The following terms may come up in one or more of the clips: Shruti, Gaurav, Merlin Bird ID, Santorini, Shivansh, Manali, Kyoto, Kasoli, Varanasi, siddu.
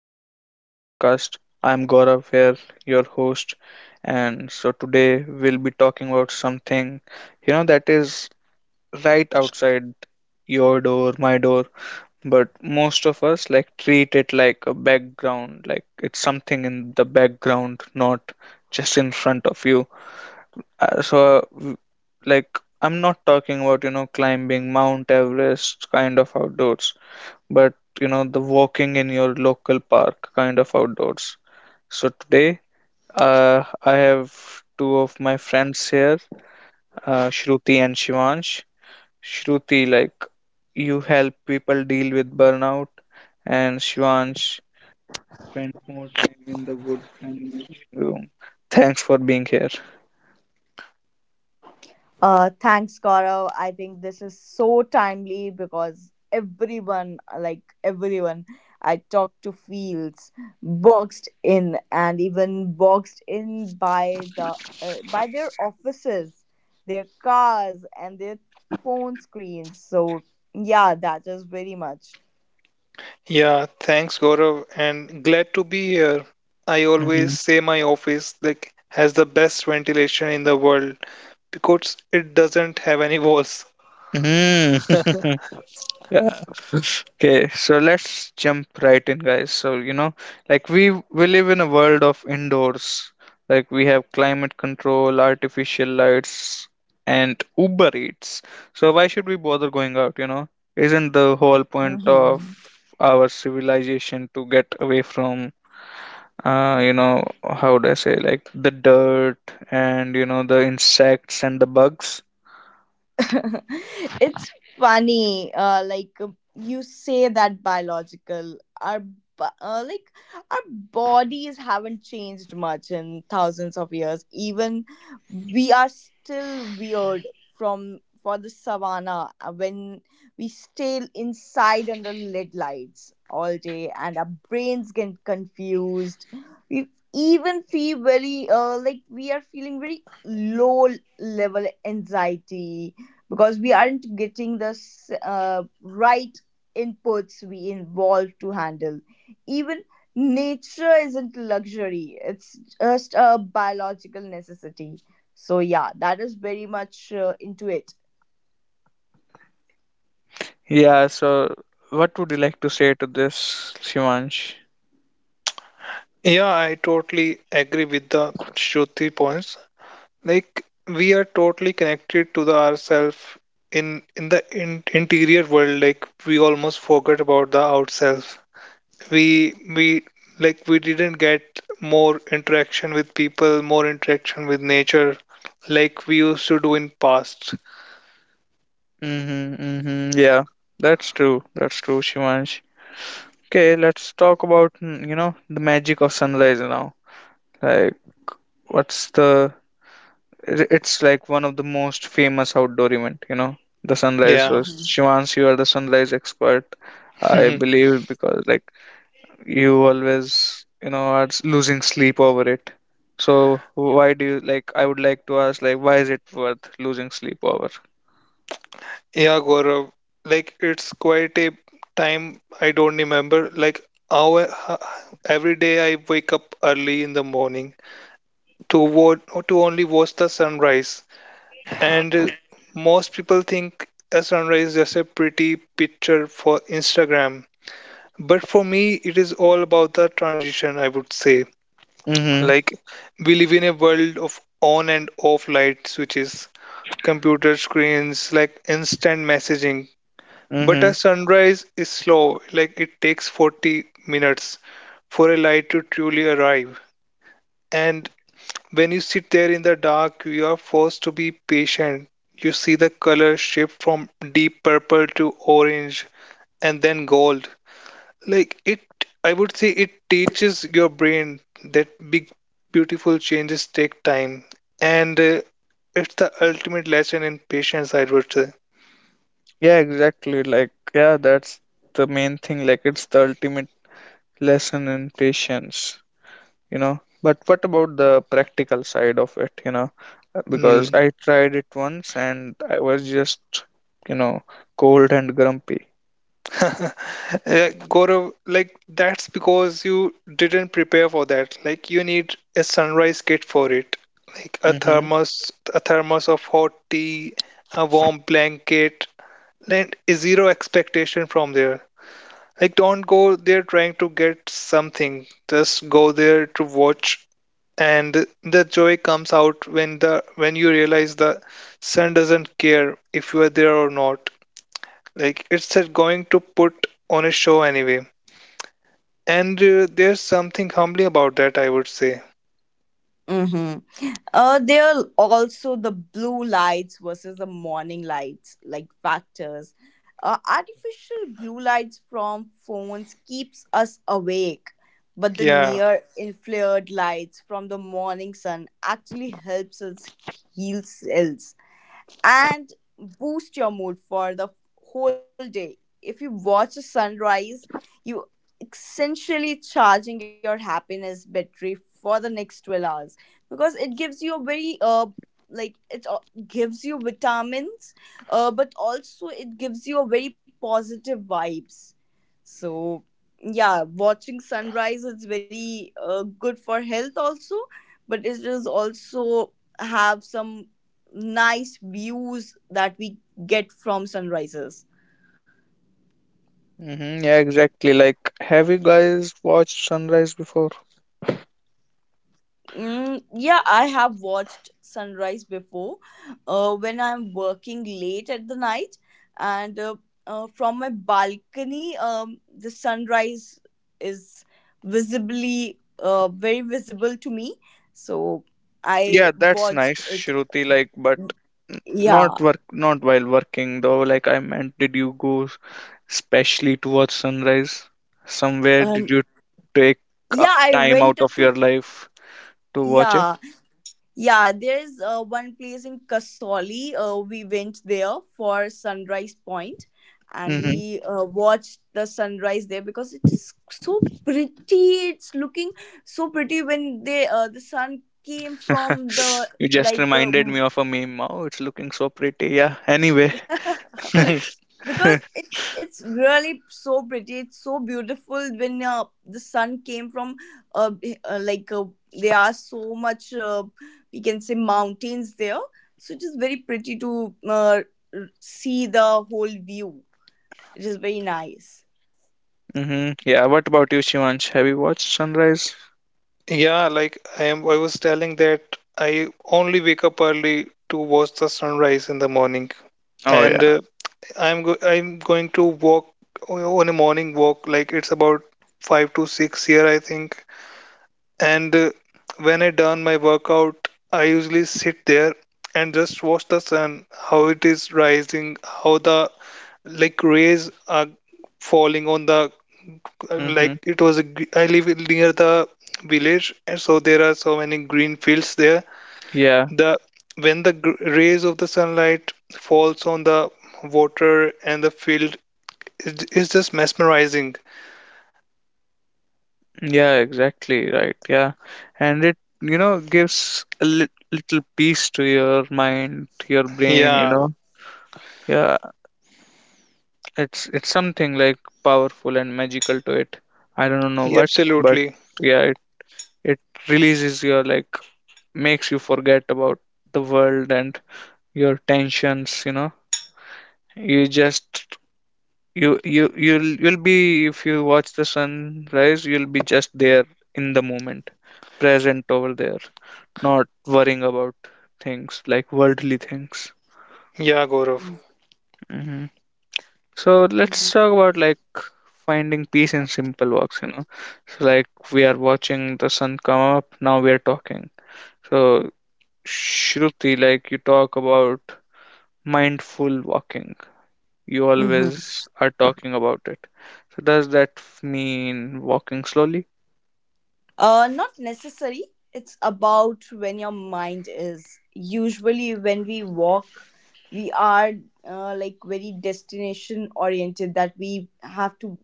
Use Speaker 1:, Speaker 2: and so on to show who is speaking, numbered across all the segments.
Speaker 1: back to my podcast. I'm Gaurav here, your host. And so today we'll be talking about something, you know, that is right outside your door, my door. But most of us like treat it like a background, like it's something in the background, not just in front of you. Uh, so, uh, w- like, I'm not talking about, you know, climbing Mount Everest kind of outdoors, but you know, the walking in your local park kind of outdoors. So today I have two of my friends here, Shruti and Shivansh. Shruti, like, you help people deal with burnout, and Shivansh spent more time in the woods than in the room. Thanks for being here.
Speaker 2: Thanks, Gaurav. I think this is so timely because everyone, like everyone I talk to, feels boxed in, and even boxed in by the by their offices, their cars, and their phone screens. So yeah, that is very much.
Speaker 3: Yeah, thanks, Gaurav, and glad to be here. I always
Speaker 1: Mhm.
Speaker 3: say my office like has the best ventilation in the world because it doesn't have any walls.
Speaker 1: Mm. Yeah. Okay, so let's jump right in, guys. So, you know, like we live in a world of indoors. Like we have climate control, artificial lights, and Uber Eats. So why should we bother going out, you know? Isn't the whole point of our civilization to get away from, you know, how would I say, like the dirt and you know the insects and the bugs?
Speaker 2: It's funny, you say that biological, our bo- uh, like our bodies haven't changed much in thousands of years. Even we are still weird from for the savannah. Uh, when we stay inside under led lights all day, and our brains get confused, we even feel very, we are feeling very low level anxiety, because we aren't getting the right inputs we involve to handle. Even nature isn't luxury, it's just a biological necessity. So yeah, that is very much into it.
Speaker 1: Yeah, so what would you like to say to this, Shivansh?
Speaker 3: Yeah, I totally agree with the Shruti points. Like we are totally connected to the ourself in the interior world. Like we almost forget about the outself. We we Like we didn't get more interaction with people, more interaction with nature like we used to do in past.
Speaker 1: Mm-hmm, mm-hmm. Yeah, that's true. That's true, Shivansh. Okay, let's talk about, mm, you know, the magic of sunrise now. Like, what's the. It's like one of the most famous outdoor event, you know, the sunrise.
Speaker 3: Yeah.
Speaker 1: So, Shivansh, you are the sunrise expert, I believe, because, like, you always you know are losing sleep over it. So why do you like I would like to ask, why is it worth losing sleep over?
Speaker 3: Yeah, Gaurav. Like it's quite a time I don't remember. Like our every day I wake up early in the morning to watch to only watch the sunrise. And most people think a sunrise is just a pretty picture for Instagram, but for me, it is all about the transition, I would say.
Speaker 1: Mhm.
Speaker 3: Like, we live in a world of on and off light switches, computer screens, like instant messaging. But a
Speaker 1: Mhm.
Speaker 3: sunrise is slow, like, it takes 40 minutes for a light to truly arrive. And when you sit there in the dark, you are forced to be patient. You see the color shift from deep purple to orange and then gold. Like it, I would say it teaches your brain that big, beautiful changes take time. And it's the ultimate lesson in patience, I would say.
Speaker 1: Yeah, exactly. Like, yeah, that's the main thing. Like, it's the ultimate lesson in patience, you know. But what about the practical side of it, you know? Because
Speaker 3: Mm.
Speaker 1: I tried it once and I was just, you know, cold and grumpy.
Speaker 3: Gaurav, like that's because you didn't prepare for that. Like you need a sunrise kit for it. Like
Speaker 1: Mm-hmm.
Speaker 3: a thermos of hot tea, a warm blanket, and zero expectation from there. Like, don't go there trying to get something. Just go there to watch, and the joy comes out when the when you realize the sun doesn't care if you are there or not. Like, it's going to put on a show anyway. And there's something humbling about that, I would say.
Speaker 2: Mm-hmm. There are also the blue lights versus the morning lights, like factors. Artificial blue lights from phones keeps us awake, but the
Speaker 3: Yeah.
Speaker 2: near infrared lights from the morning sun actually helps us heal cells and boost your mood for the whole day. If you watch the sunrise, you essentially charging your happiness battery for the next 12 hours, because it gives you a very, like it gives you vitamins, but also it gives you a very positive vibes. So yeah, watching sunrise is very good for health also, but it is also have some nice views that we get from sunrises.
Speaker 1: Mm-hmm, yeah, exactly. Like, have you guys watched Sunrise before?
Speaker 2: Mm, yeah, I have watched sunrise before, when I'm working late at the night, and from my balcony, the sunrise is visibly, very visible to me. So I
Speaker 1: Yeah, that's nice,
Speaker 2: watched it.
Speaker 1: Shruti. Like, but not
Speaker 2: Yeah,
Speaker 1: work, not while working though. Like, I meant, did you go specially to watch Sunrise somewhere?
Speaker 2: and
Speaker 1: Did you take
Speaker 2: yeah, I
Speaker 1: time
Speaker 2: went
Speaker 1: out of
Speaker 2: to,
Speaker 1: your life to watch it?
Speaker 2: yeah. Yeah, there's one place in Kasoli. We went there for Sunrise Point and
Speaker 1: Mm-hmm.
Speaker 2: we watched the sunrise there because it is so pretty. It's looking so pretty when they, the sun came from the,
Speaker 1: You just
Speaker 2: like uh,
Speaker 1: reminded me of a meme. Oh, it's looking so pretty. Yeah. Anyway.
Speaker 2: because it's really so pretty, it's so beautiful when the sun came from, uh, uh, like uh, there are so much, we can say, mountains there. So it is very pretty to, see the whole view, it is very nice.
Speaker 1: Mm-hmm. Yeah. What about you, Shivansh? Have you watched Sunrise?
Speaker 3: Yeah, like I was telling that I only wake up early to watch the sunrise in the morning.
Speaker 1: Oh
Speaker 3: And
Speaker 1: yeah.
Speaker 3: I'm going to walk on a morning walk. Like it's about five to six here, I think. And when I done my workout, I usually sit there and just watch the sun, how it is rising, how the like rays are falling on the
Speaker 1: Mm-hmm.
Speaker 3: like it was a, gr- I live near the village, and so there are so many green fields there.
Speaker 1: Yeah.
Speaker 3: The when the rays of the sunlight falls on the water and the field it's just mesmerizing.
Speaker 1: Yeah, exactly right. Yeah, and it, you know, gives a little peace to your mind, to your brain. You
Speaker 3: Yeah,
Speaker 1: know, yeah, it's something like powerful and magical to it. I don't know
Speaker 3: yeah,
Speaker 1: what, but
Speaker 3: absolutely.
Speaker 1: yeah, it releases your like, makes you forget about the world and your tensions. You know, you just you'll you'll be, if you watch the sunrise, you'll be just there in the moment, present over there. Not worrying about things like worldly things.
Speaker 3: Yeah, Gaurav.
Speaker 1: Hmm. So let's
Speaker 2: Mm-hmm.
Speaker 1: talk about, like, finding peace in simple walks, you know. So like we are watching the sun come up, now we are talking. So Shruti, like, you talk about mindful walking. You always are talking about it. So does that mean walking slowly?
Speaker 2: Not necessary. It's about when your mind is. Usually, when we walk, we are, very destination oriented, that we have to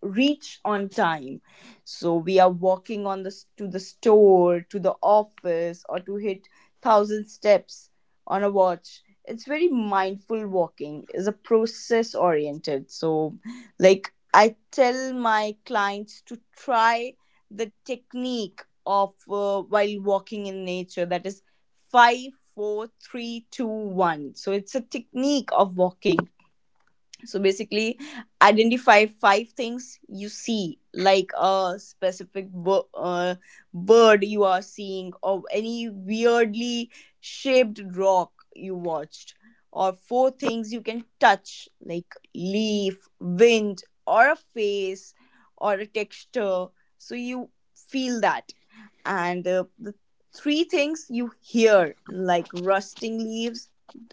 Speaker 2: reach on time, so we are walking on the, to the store, to the office, or to hit 1,000 steps on a watch. It's very Mindful walking is a process oriented. So like, I tell my clients to try the technique of, while walking in nature, that is 5 4 3 2 1. So it's a technique of walking. So basically, identify five things you see, like a specific bird you are seeing, or any weirdly shaped rock you watched, or four things you can touch, like leaf, wind, or a face, or a texture, so you feel that. And the three things you hear, like rusting leaves,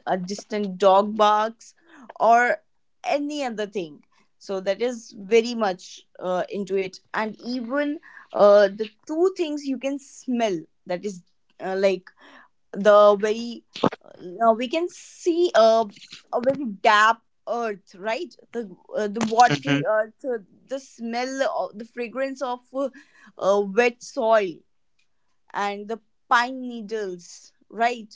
Speaker 2: a distant dog barks, or any other thing. So that is very much into it. And even, the two things you can smell, that is, uh, like the very, we can see a very damp earth, right, the, the
Speaker 1: Hmm.
Speaker 2: watery earth, the smell of the fragrance of, wet soil, and the pine needles, right?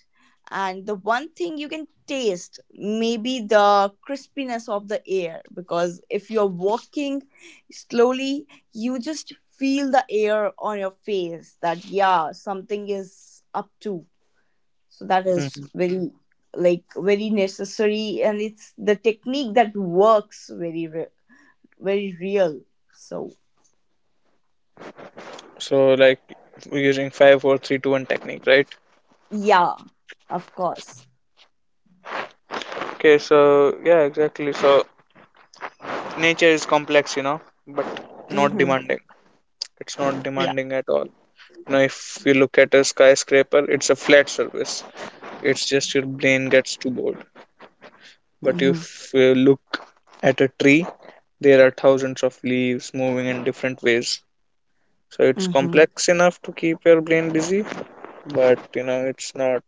Speaker 2: And the one thing you can taste, maybe the crispiness of the air, because if you're walking slowly, you just feel the air on your face, that, yeah, something is up to. So that is
Speaker 1: Hmm.
Speaker 2: very, like, very necessary. And it's the technique that works very, very real. So,
Speaker 1: So, like, we're using 5, 4, 3, 2, 1 technique, right?
Speaker 2: yeah, of course.
Speaker 1: Okay, so yeah, exactly. So nature is complex, you know, but not
Speaker 2: Mm-hmm.
Speaker 1: demanding. It's not
Speaker 2: Yeah.
Speaker 1: demanding at all. You know, if you look at a skyscraper, it's a flat surface. It's just your brain gets too bored. But
Speaker 2: Mm-hmm.
Speaker 1: if you look at a tree, there are thousands of leaves moving in different ways, so it's
Speaker 2: Mm-hmm.
Speaker 1: complex enough to keep your brain busy. But you know, it's not,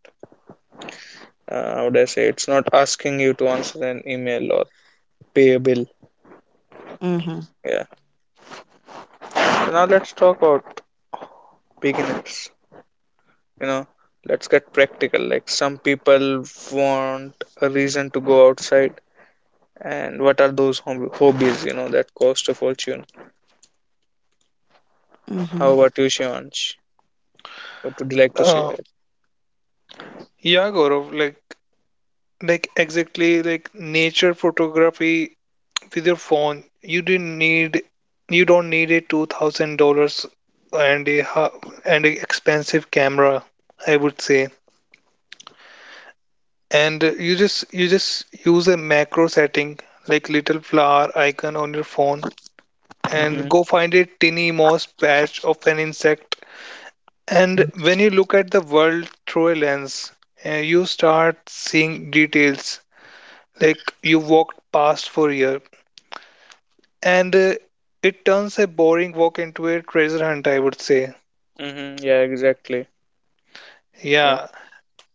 Speaker 1: uh, how would I say, it's not asking you to answer an email or pay a bill.
Speaker 2: Mm-hmm.
Speaker 1: Yeah. So now let's talk about beginners, you know. Let's get practical. Like, some people want a reason to go outside, and what are those hobbies, you know, that cost a fortune?
Speaker 2: Mm-hmm.
Speaker 1: How about you, Shivansh? What would you like to say?
Speaker 3: Uh, yeah, Gaurav. Like exactly like nature photography with your phone. You didn't need. You don't need a $2,000 and a ha- and a expensive camera. I would say. And you just use a macro setting like little flower icon on your phone
Speaker 1: Mm-hmm,
Speaker 3: and go find a tiny moss patch of an insect. And when you look at the world through a lens, you start seeing details like you walked past for a year, and it turns a boring walk into a treasure hunt, I would say.
Speaker 1: mm-hmm, yeah, exactly. Yeah.
Speaker 3: Yeah,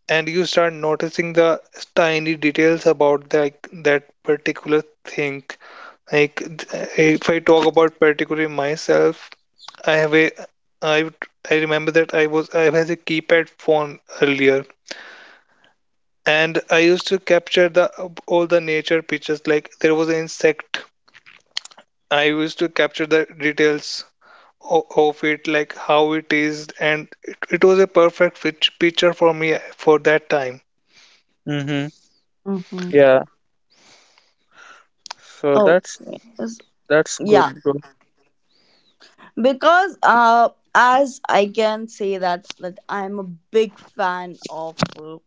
Speaker 3: and you start noticing the tiny details about that particular thing. Like th- uh, if I talk about particularly myself, I have a I remember that I had a keypad phone earlier, and I used to capture the all the nature pictures. Like there was an insect. I used to capture the details of it, like how it is, and it was a perfect fit picture for me for that time.
Speaker 1: Mm-hmm,
Speaker 2: Mm-hmm.
Speaker 1: yeah, so
Speaker 2: Okay. Yes.
Speaker 1: that's
Speaker 2: Yeah.
Speaker 1: good, bro.
Speaker 2: Because, as I can say that I'm a big fan of, uh,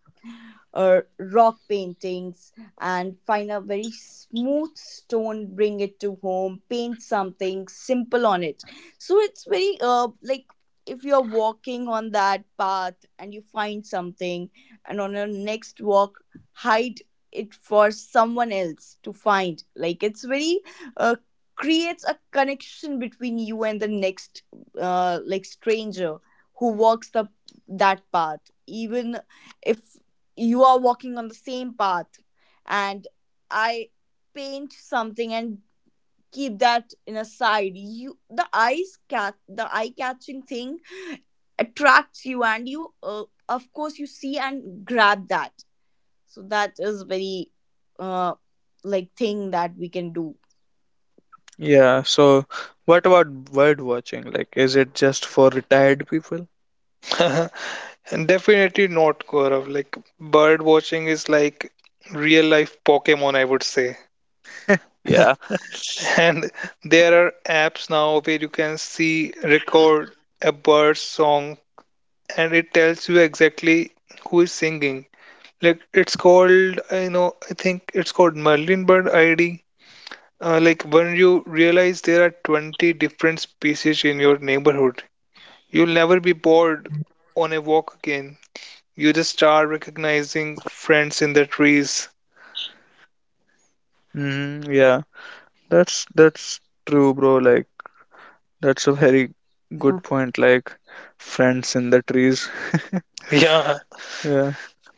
Speaker 2: uh, rock paintings, and find a very smooth stone, bring it to home, paint something simple on it. So it's very, if you're walking on that path and you find something, and on your next walk, hide it for someone else to find. Like it's very, uh, creates a connection between you and the next, stranger who walks the, that path. Even if you are walking on the same path, and I paint something and keep that in a side, you the eyes cat the eye catching thing attracts you, and you, of course you see and grab that. So that is very, uh like thing that we can do.
Speaker 1: Yeah, so what about bird watching? Like, is it just for retired people?
Speaker 3: And definitely not, Gaurav. Like bird watching is like real life Pokemon, I would say.
Speaker 1: Yeah.
Speaker 3: And there are apps now where you can see record a bird song, and it tells you exactly who is singing. Like it's called, I know, I think it's called Merlin Bird ID. Like when you realize there are 20 different species in your neighborhood, you'll never be bored on a walk again. You just start recognizing friends in the trees.
Speaker 1: Mm, yeah, that's true, bro. Like, that's a very good point. Like, friends in the trees.
Speaker 3: Yeah,
Speaker 1: Yeah.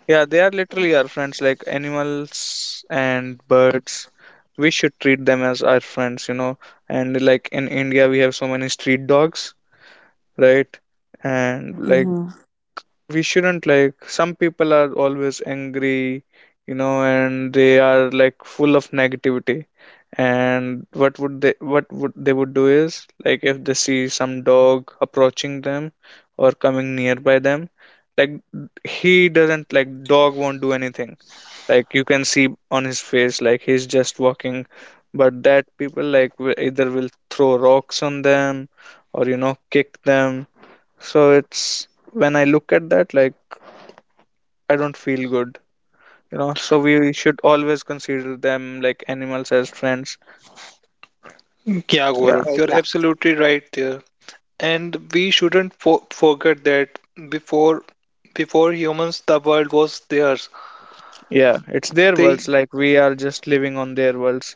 Speaker 1: Yeah, they are literally our friends, like animals and birds. We should treat them as our friends, you know. And like in India, we have so many street dogs, right? And like
Speaker 2: Mm-hmm.
Speaker 1: we shouldn't, like some people are always angry, you know, and they are like full of negativity. And what would they would do is like, if they see some dog approaching them or coming nearby them, like, he doesn't, like, dog won't do anything. Like you can see on his face like he's just walking. But that people like will either will throw rocks on them or, you know, kick them. So it's, when I look at that, like, I don't feel good, you know. So we should always consider them, like, animals as friends.
Speaker 3: yeah,
Speaker 1: Yeah,
Speaker 3: Gaurav, you're
Speaker 2: Yeah.
Speaker 3: absolutely right there. And we shouldn't fo forget that before before humans, the world was theirs.
Speaker 1: yeah. It's their
Speaker 3: They,
Speaker 1: worlds. Like, we are just living on their worlds,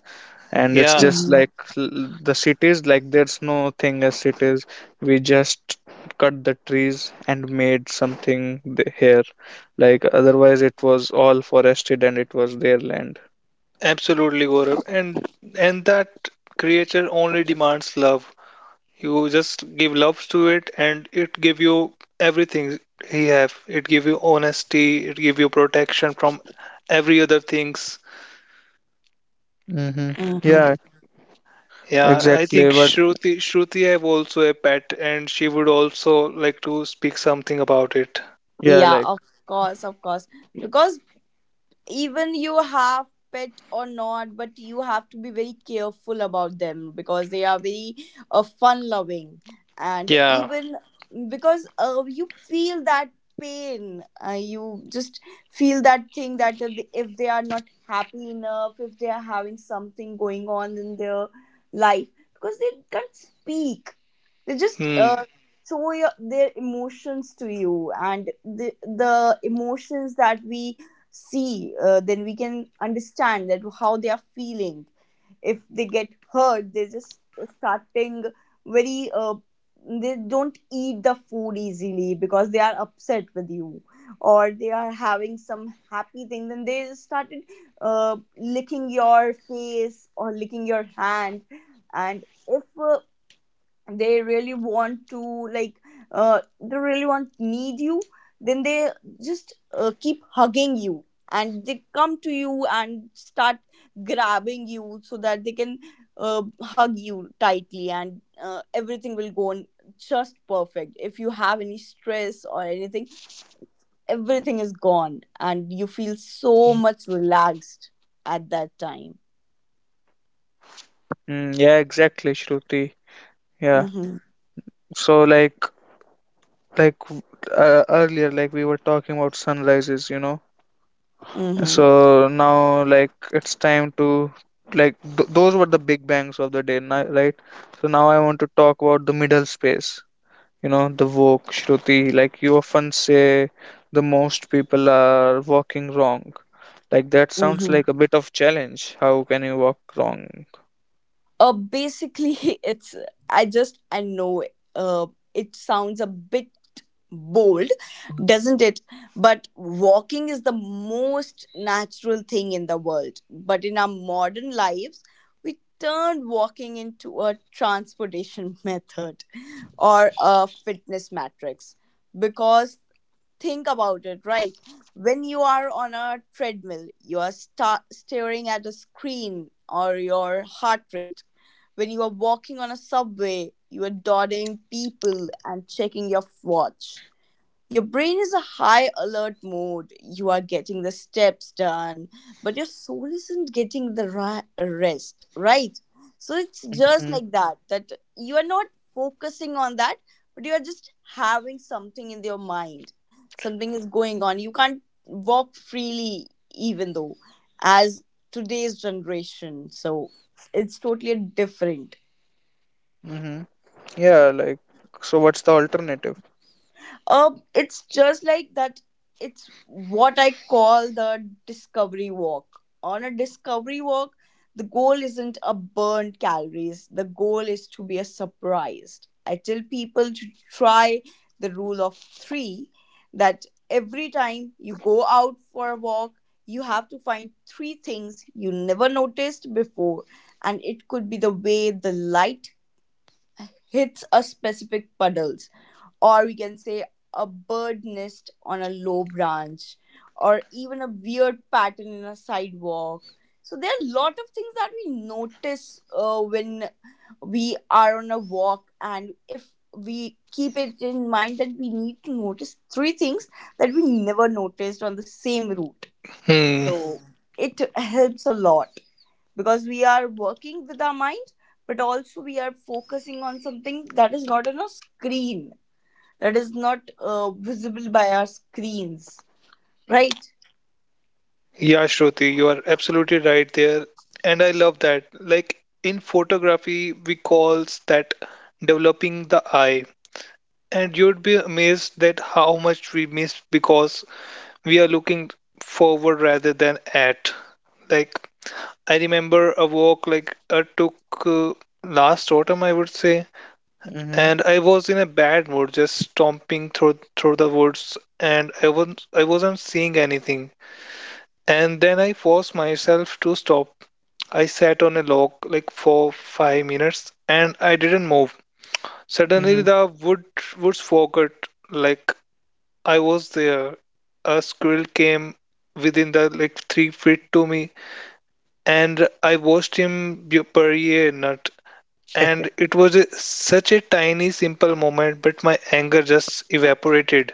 Speaker 1: and it's
Speaker 3: yeah,
Speaker 1: just
Speaker 2: Mm-hmm.
Speaker 1: like the cities. Like, there's no thing as cities. We just cut the trees and made something here. Like otherwise, it was all forested and it was their land.
Speaker 3: absolutely, Gaurav. And that creature only demands love. You just give love to it, and it give you everything he have. It give you honesty. It give you protection from every other things.
Speaker 1: Mm-hmm.
Speaker 2: Mm-hmm.
Speaker 1: Yeah,
Speaker 3: Yeah, I
Speaker 1: exactly.
Speaker 3: think
Speaker 1: But
Speaker 3: Shruti have also a pet, and she would also like to speak something about it.
Speaker 1: yeah,
Speaker 2: Yeah,
Speaker 1: like,
Speaker 2: of course, of course, because even you have pet or not, but you have to be very careful about them, because they are very, fun loving. And
Speaker 3: Yeah.
Speaker 2: even, because, you feel that pain, you just feel that thing that if they, if they are not happy enough, if they are having something going on in their life, because they can't speak, they just,
Speaker 3: Hmm.
Speaker 2: show your, their emotions to you, and the emotions that we see, then we can understand that how they are feeling. If they get hurt, they're just starting very, they don't eat the food easily because they are upset with you, or they are having some happy thing, then they just started, licking your face or licking your hand. And if, they really want to like, they really want need you, then they just, keep hugging you, and they come to you and start grabbing you, so that they can, hug you tightly, and everything will go on just perfect. If you have any stress or anything, everything is gone, and you feel so much relaxed at that time.
Speaker 1: mm, yeah, exactly, Shruti. Yeah.
Speaker 2: Mm-hmm.
Speaker 1: So like, earlier, like we were talking about sunrises, you know.
Speaker 2: Mm-hmm.
Speaker 1: So now, like, it's time to, like, th those were the big bangs of the day, right? So now I want to talk about the middle space. You know, the woke Shruti, like you often say the most people are walking wrong. Like that sounds like
Speaker 2: Mm-hmm.
Speaker 1: a bit of challenge. How can you walk wrong?
Speaker 2: Basically it's, I just I know, uh it sounds a bit bold, doesn't it? But walking is the most natural thing in the world. But in our modern lives, we turned walking into a transportation method, or a fitness matrix. Because think about it, right? When you are on a treadmill, you are staring at a screen or your heart rate. When you are walking on a subway, you are dodging people and checking your watch. Your brain is a high alert mode. You are getting the steps done, but your soul isn't getting the rest, right? So it's just like that, that you are not focusing on that, but you are just having something in your mind. Something is going on. You can't walk freely, even though, as today's generation. So it's totally different.
Speaker 1: Mm-hmm. Yeah, like, so what's the alternative?
Speaker 2: It's just like that. It's what I call the discovery walk. On a discovery walk, the goal isn't a burned calories. The goal is to be a surprised. I tell people to try the rule of three. That every time you go out for a walk, you have to find three things you never noticed before, and it could be the way the light hits a specific puddle, or we can say a bird nest on a low branch, or even a weird pattern in a sidewalk. So there are a lot of things that we notice, when we are on a walk, and if we keep it in mind that we need to notice three things that we never noticed on the same route.
Speaker 3: Hmm.
Speaker 2: So it helps a lot, because we are working with our mind, but also we are focusing on something that is not on a screen, that is not, visible by our screens, right?
Speaker 3: Yeah, Shruti, you are absolutely right there. And I love that. Like in photography, we calls that developing the eye. And you'd be amazed that how much we miss because we are looking forward rather than at. Like I remember a walk like I took uh, last autumn, I would say,
Speaker 1: Mm-hmm.
Speaker 3: and I was in a bad mood, just stomping through the woods, and I wasn't seeing anything. And then I forced myself to stop. I sat on a log like for 5 minutes and I didn't move. Suddenly the woods forgot like I was there. A squirrel came within the like 3 feet to me and I watched him bury a nut. And it was a, such a tiny simple moment, but my anger just evaporated.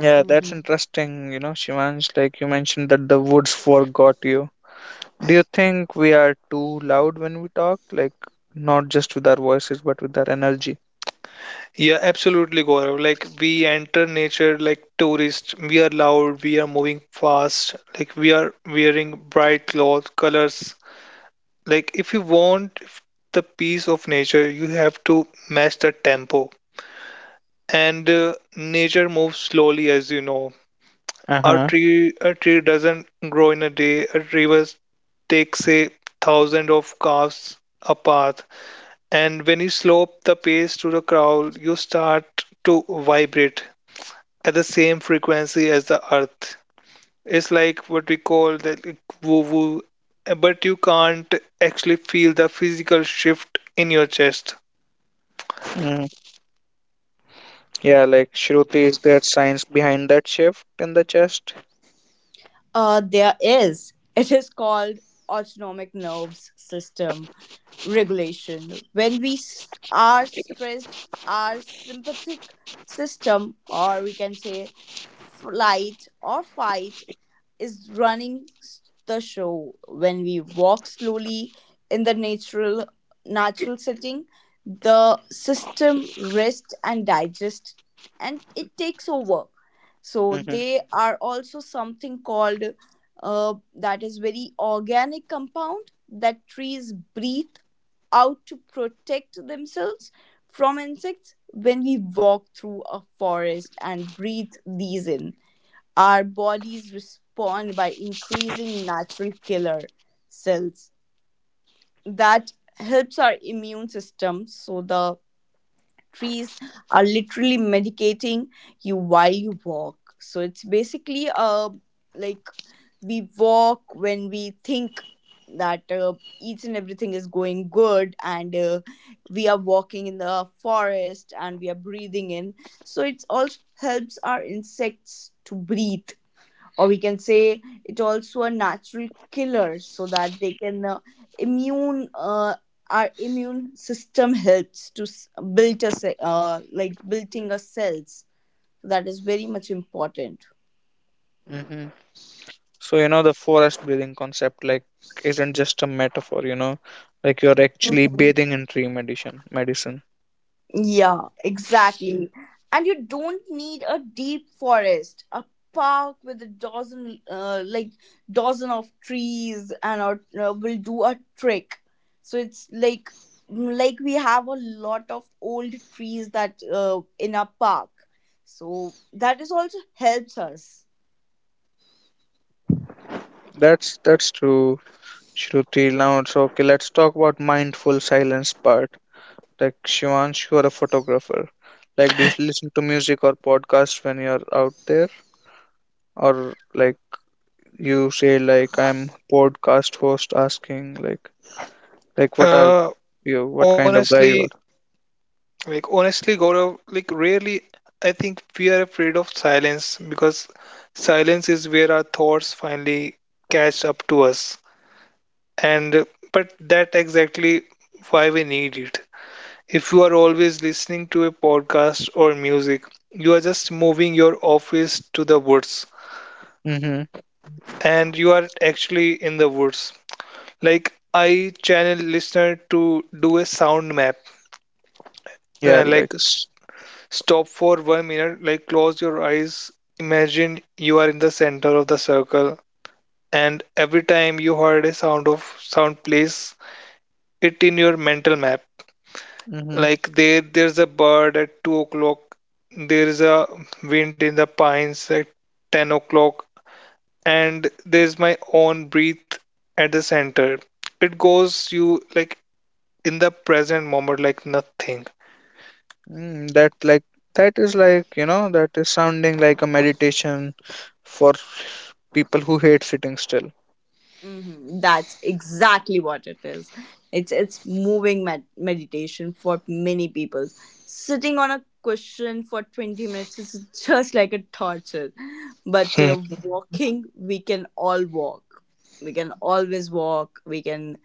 Speaker 1: Yeah, that's interesting. You know, Shivansh, like you mentioned that the woods forgot you. Do you think we are too loud when we talk? Like, not just with our voices, but with our energy.
Speaker 3: Yeah, absolutely, Gaurav. Like we enter nature like tourists. We are loud. We are moving fast. Like we are wearing bright clothes, colors. Like if you want the peace of nature, you have to match the tempo. And nature moves slowly, as you know.
Speaker 1: Uh huh.
Speaker 3: A tree doesn't grow in a day. A river takes a thousand of calves a path. And when you slope the pace to the crowd, you start to vibrate at the same frequency as the earth. It's like what we call the like, woo woo, but you can't actually feel the physical shift in your chest.
Speaker 1: Mm. Yeah, like, Shruti, is there science behind that shift in the chest?
Speaker 2: There is. It is called autonomic nerves system regulation. When we are stressed, our sympathetic system, or we can say flight or fight, is running the show. When we walk slowly in the natural setting, the system rests and digests, and it takes over. So
Speaker 1: Hmm.
Speaker 2: they are also something called, that is very organic compound that trees breathe out to protect themselves from insects. When we walk through a forest and breathe these in, our bodies respond by increasing natural killer cells that helps our immune system. So the trees are literally medicating you while you walk. So it's basically, like we walk when we think that, each and everything is going good, and we are walking in the forest and we are breathing in, so it also helps our insects to breathe, or we can say it also a natural killer, so that they can, immune, our immune system helps to build us, building our cells. So that is very much important.
Speaker 1: Hmm. So, you know, the forest breathing concept, like, isn't just a metaphor, you know, like you're actually bathing in tree medicine. Medicine.
Speaker 2: Yeah, exactly. And you don't need a deep forest, a park with a dozen, dozen of trees, and our, will do a trick. So it's like, mm, like we have a lot of old trees that, in our park. So that is also helps us.
Speaker 1: That's true, Shruti. Now, so okay, let's talk about mindful silence part. Like, Shivansh, you are a photographer. Like, do you listen to music or podcast when you're out there? Or like, you say, like, I'm podcast host asking, like, what are
Speaker 3: Uh,
Speaker 1: you? What kind of guy
Speaker 3: honestly,
Speaker 1: you are?
Speaker 3: like honestly, Gaurav, like rarely I think we are afraid of silence because silence is where our thoughts finally catch up to us. And but that exactly why we need it. If you are always listening to a podcast or music, you are just moving your office to the woods
Speaker 1: Mm-hmm.
Speaker 3: and you are actually in the woods. Like, I channel listener to do a sound map,
Speaker 1: Yeah,
Speaker 3: uh,
Speaker 1: like,
Speaker 3: like s- stop for 1 minute, like close your eyes. Imagine you are in the center of the circle, and every time you heard a sound of sound, place it in your mental map.
Speaker 1: mm-hmm.
Speaker 3: Like there's a bird at 2 o'clock. There is a wind in the pines at 10 o'clock, and there's my own breath at the center. It goes you like in the present moment, like nothing.
Speaker 1: Mm, that like, that is like, you know, that is sounding like a meditation for people who hate sitting still.
Speaker 2: Hmm. That's exactly what it is. It's moving meditation for many people. Sitting on a cushion for 20 minutes is just like a torture, but
Speaker 3: Hmm.
Speaker 2: walking, we can all walk. We can always walk. We can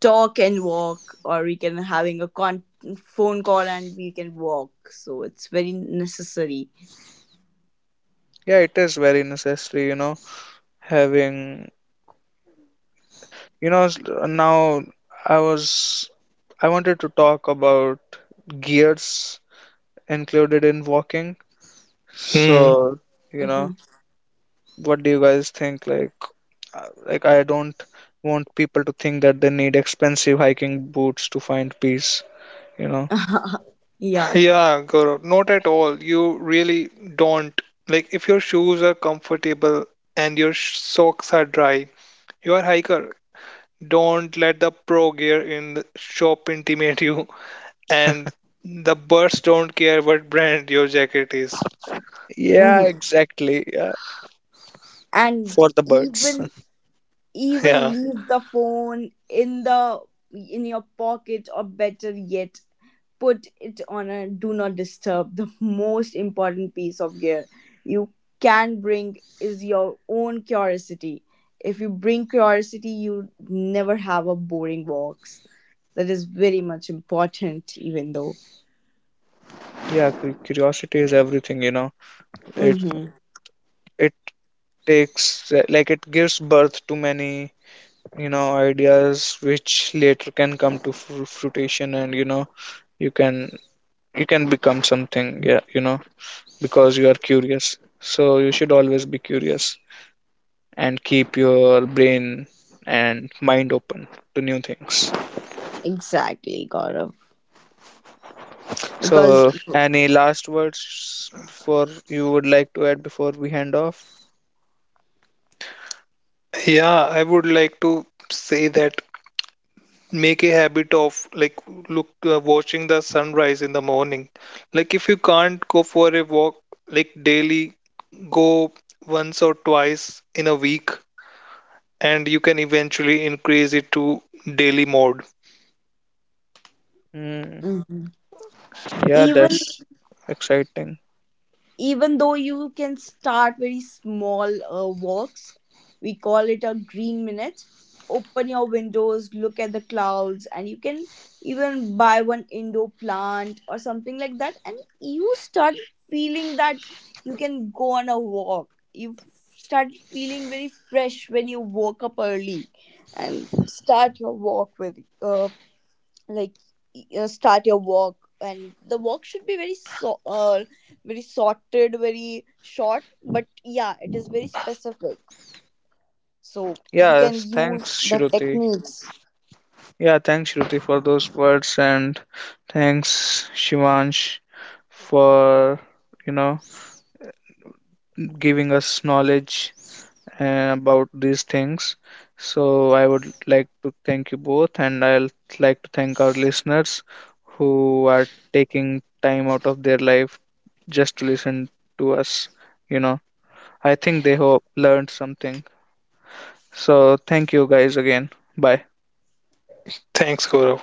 Speaker 2: talk and walk, or we can having a phone call and we can walk. So it's very necessary.
Speaker 1: Yeah, it is very necessary, you know, having, you know, now I was, I wanted to talk about gears included in walking.
Speaker 3: Hmm.
Speaker 1: So, you
Speaker 2: Hmm.
Speaker 1: know, what do you guys think? Like, like, I don't want people to think that they need expensive hiking boots to find peace, you know.
Speaker 2: Yeah.
Speaker 3: Yeah, Gaurav, not at all. You really don't. Like, if your shoes are comfortable and your socks are dry, you are hiker. Don't let the pro gear in the shop intimidate you. And the birds don't care what brand your jacket is.
Speaker 1: Yeah,
Speaker 2: Hmm.
Speaker 1: exactly. Yeah,
Speaker 2: And
Speaker 1: for the birds.
Speaker 2: even, even
Speaker 3: Yeah.
Speaker 2: leave the phone in the, in your pocket, or better yet, put it on a do not disturb. The most important piece of gear you can bring is your own curiosity. If you bring curiosity, you never have a boring walks. That is very much important, even though.
Speaker 1: Yeah, curiosity is everything, you know. It
Speaker 2: Mm-hmm.
Speaker 1: it takes, like, it gives birth to many, you know, ideas which later can come to fruition, and you know, you can you can become something, yeah, you know, because you are curious. So you should always be curious and keep your brain and mind open to new things.
Speaker 2: Exactly, Gaurav, because.
Speaker 1: So any last words before you would like to add before we hand off?
Speaker 3: Yeah, I would like to say that make a habit of like look watching the sunrise in the morning. Like if you can't go for a walk like daily, go once or twice in a week and you can eventually increase it to daily mode.
Speaker 1: Mm,
Speaker 2: Mhm.
Speaker 1: yeah,
Speaker 2: Even,
Speaker 1: that's exciting.
Speaker 2: even though you can start very small, walks, we call it a green minute. Open your windows, look at the clouds, and you can even buy one indoor plant or something like that, and you start feeling that you can go on a walk. You start feeling very fresh when you woke up early and start your walk with, uh, like start your walk, and the walk should be very so, very sorted, very short, but yeah, it is very specific, so you can
Speaker 1: Yes,
Speaker 2: use
Speaker 1: thanks,
Speaker 2: the
Speaker 1: Shruti.
Speaker 2: techniques.
Speaker 1: Yeah, thanks, Shruti, for those words, and thanks, Shivansh, for, you know, giving us knowledge about these things. So I would like to thank you both, and I'll like to thank our listeners who are taking time out of their life just to listen to us, you know. I think they hope learned something. So thank you guys again. Bye.
Speaker 3: Thanks, Gaurav.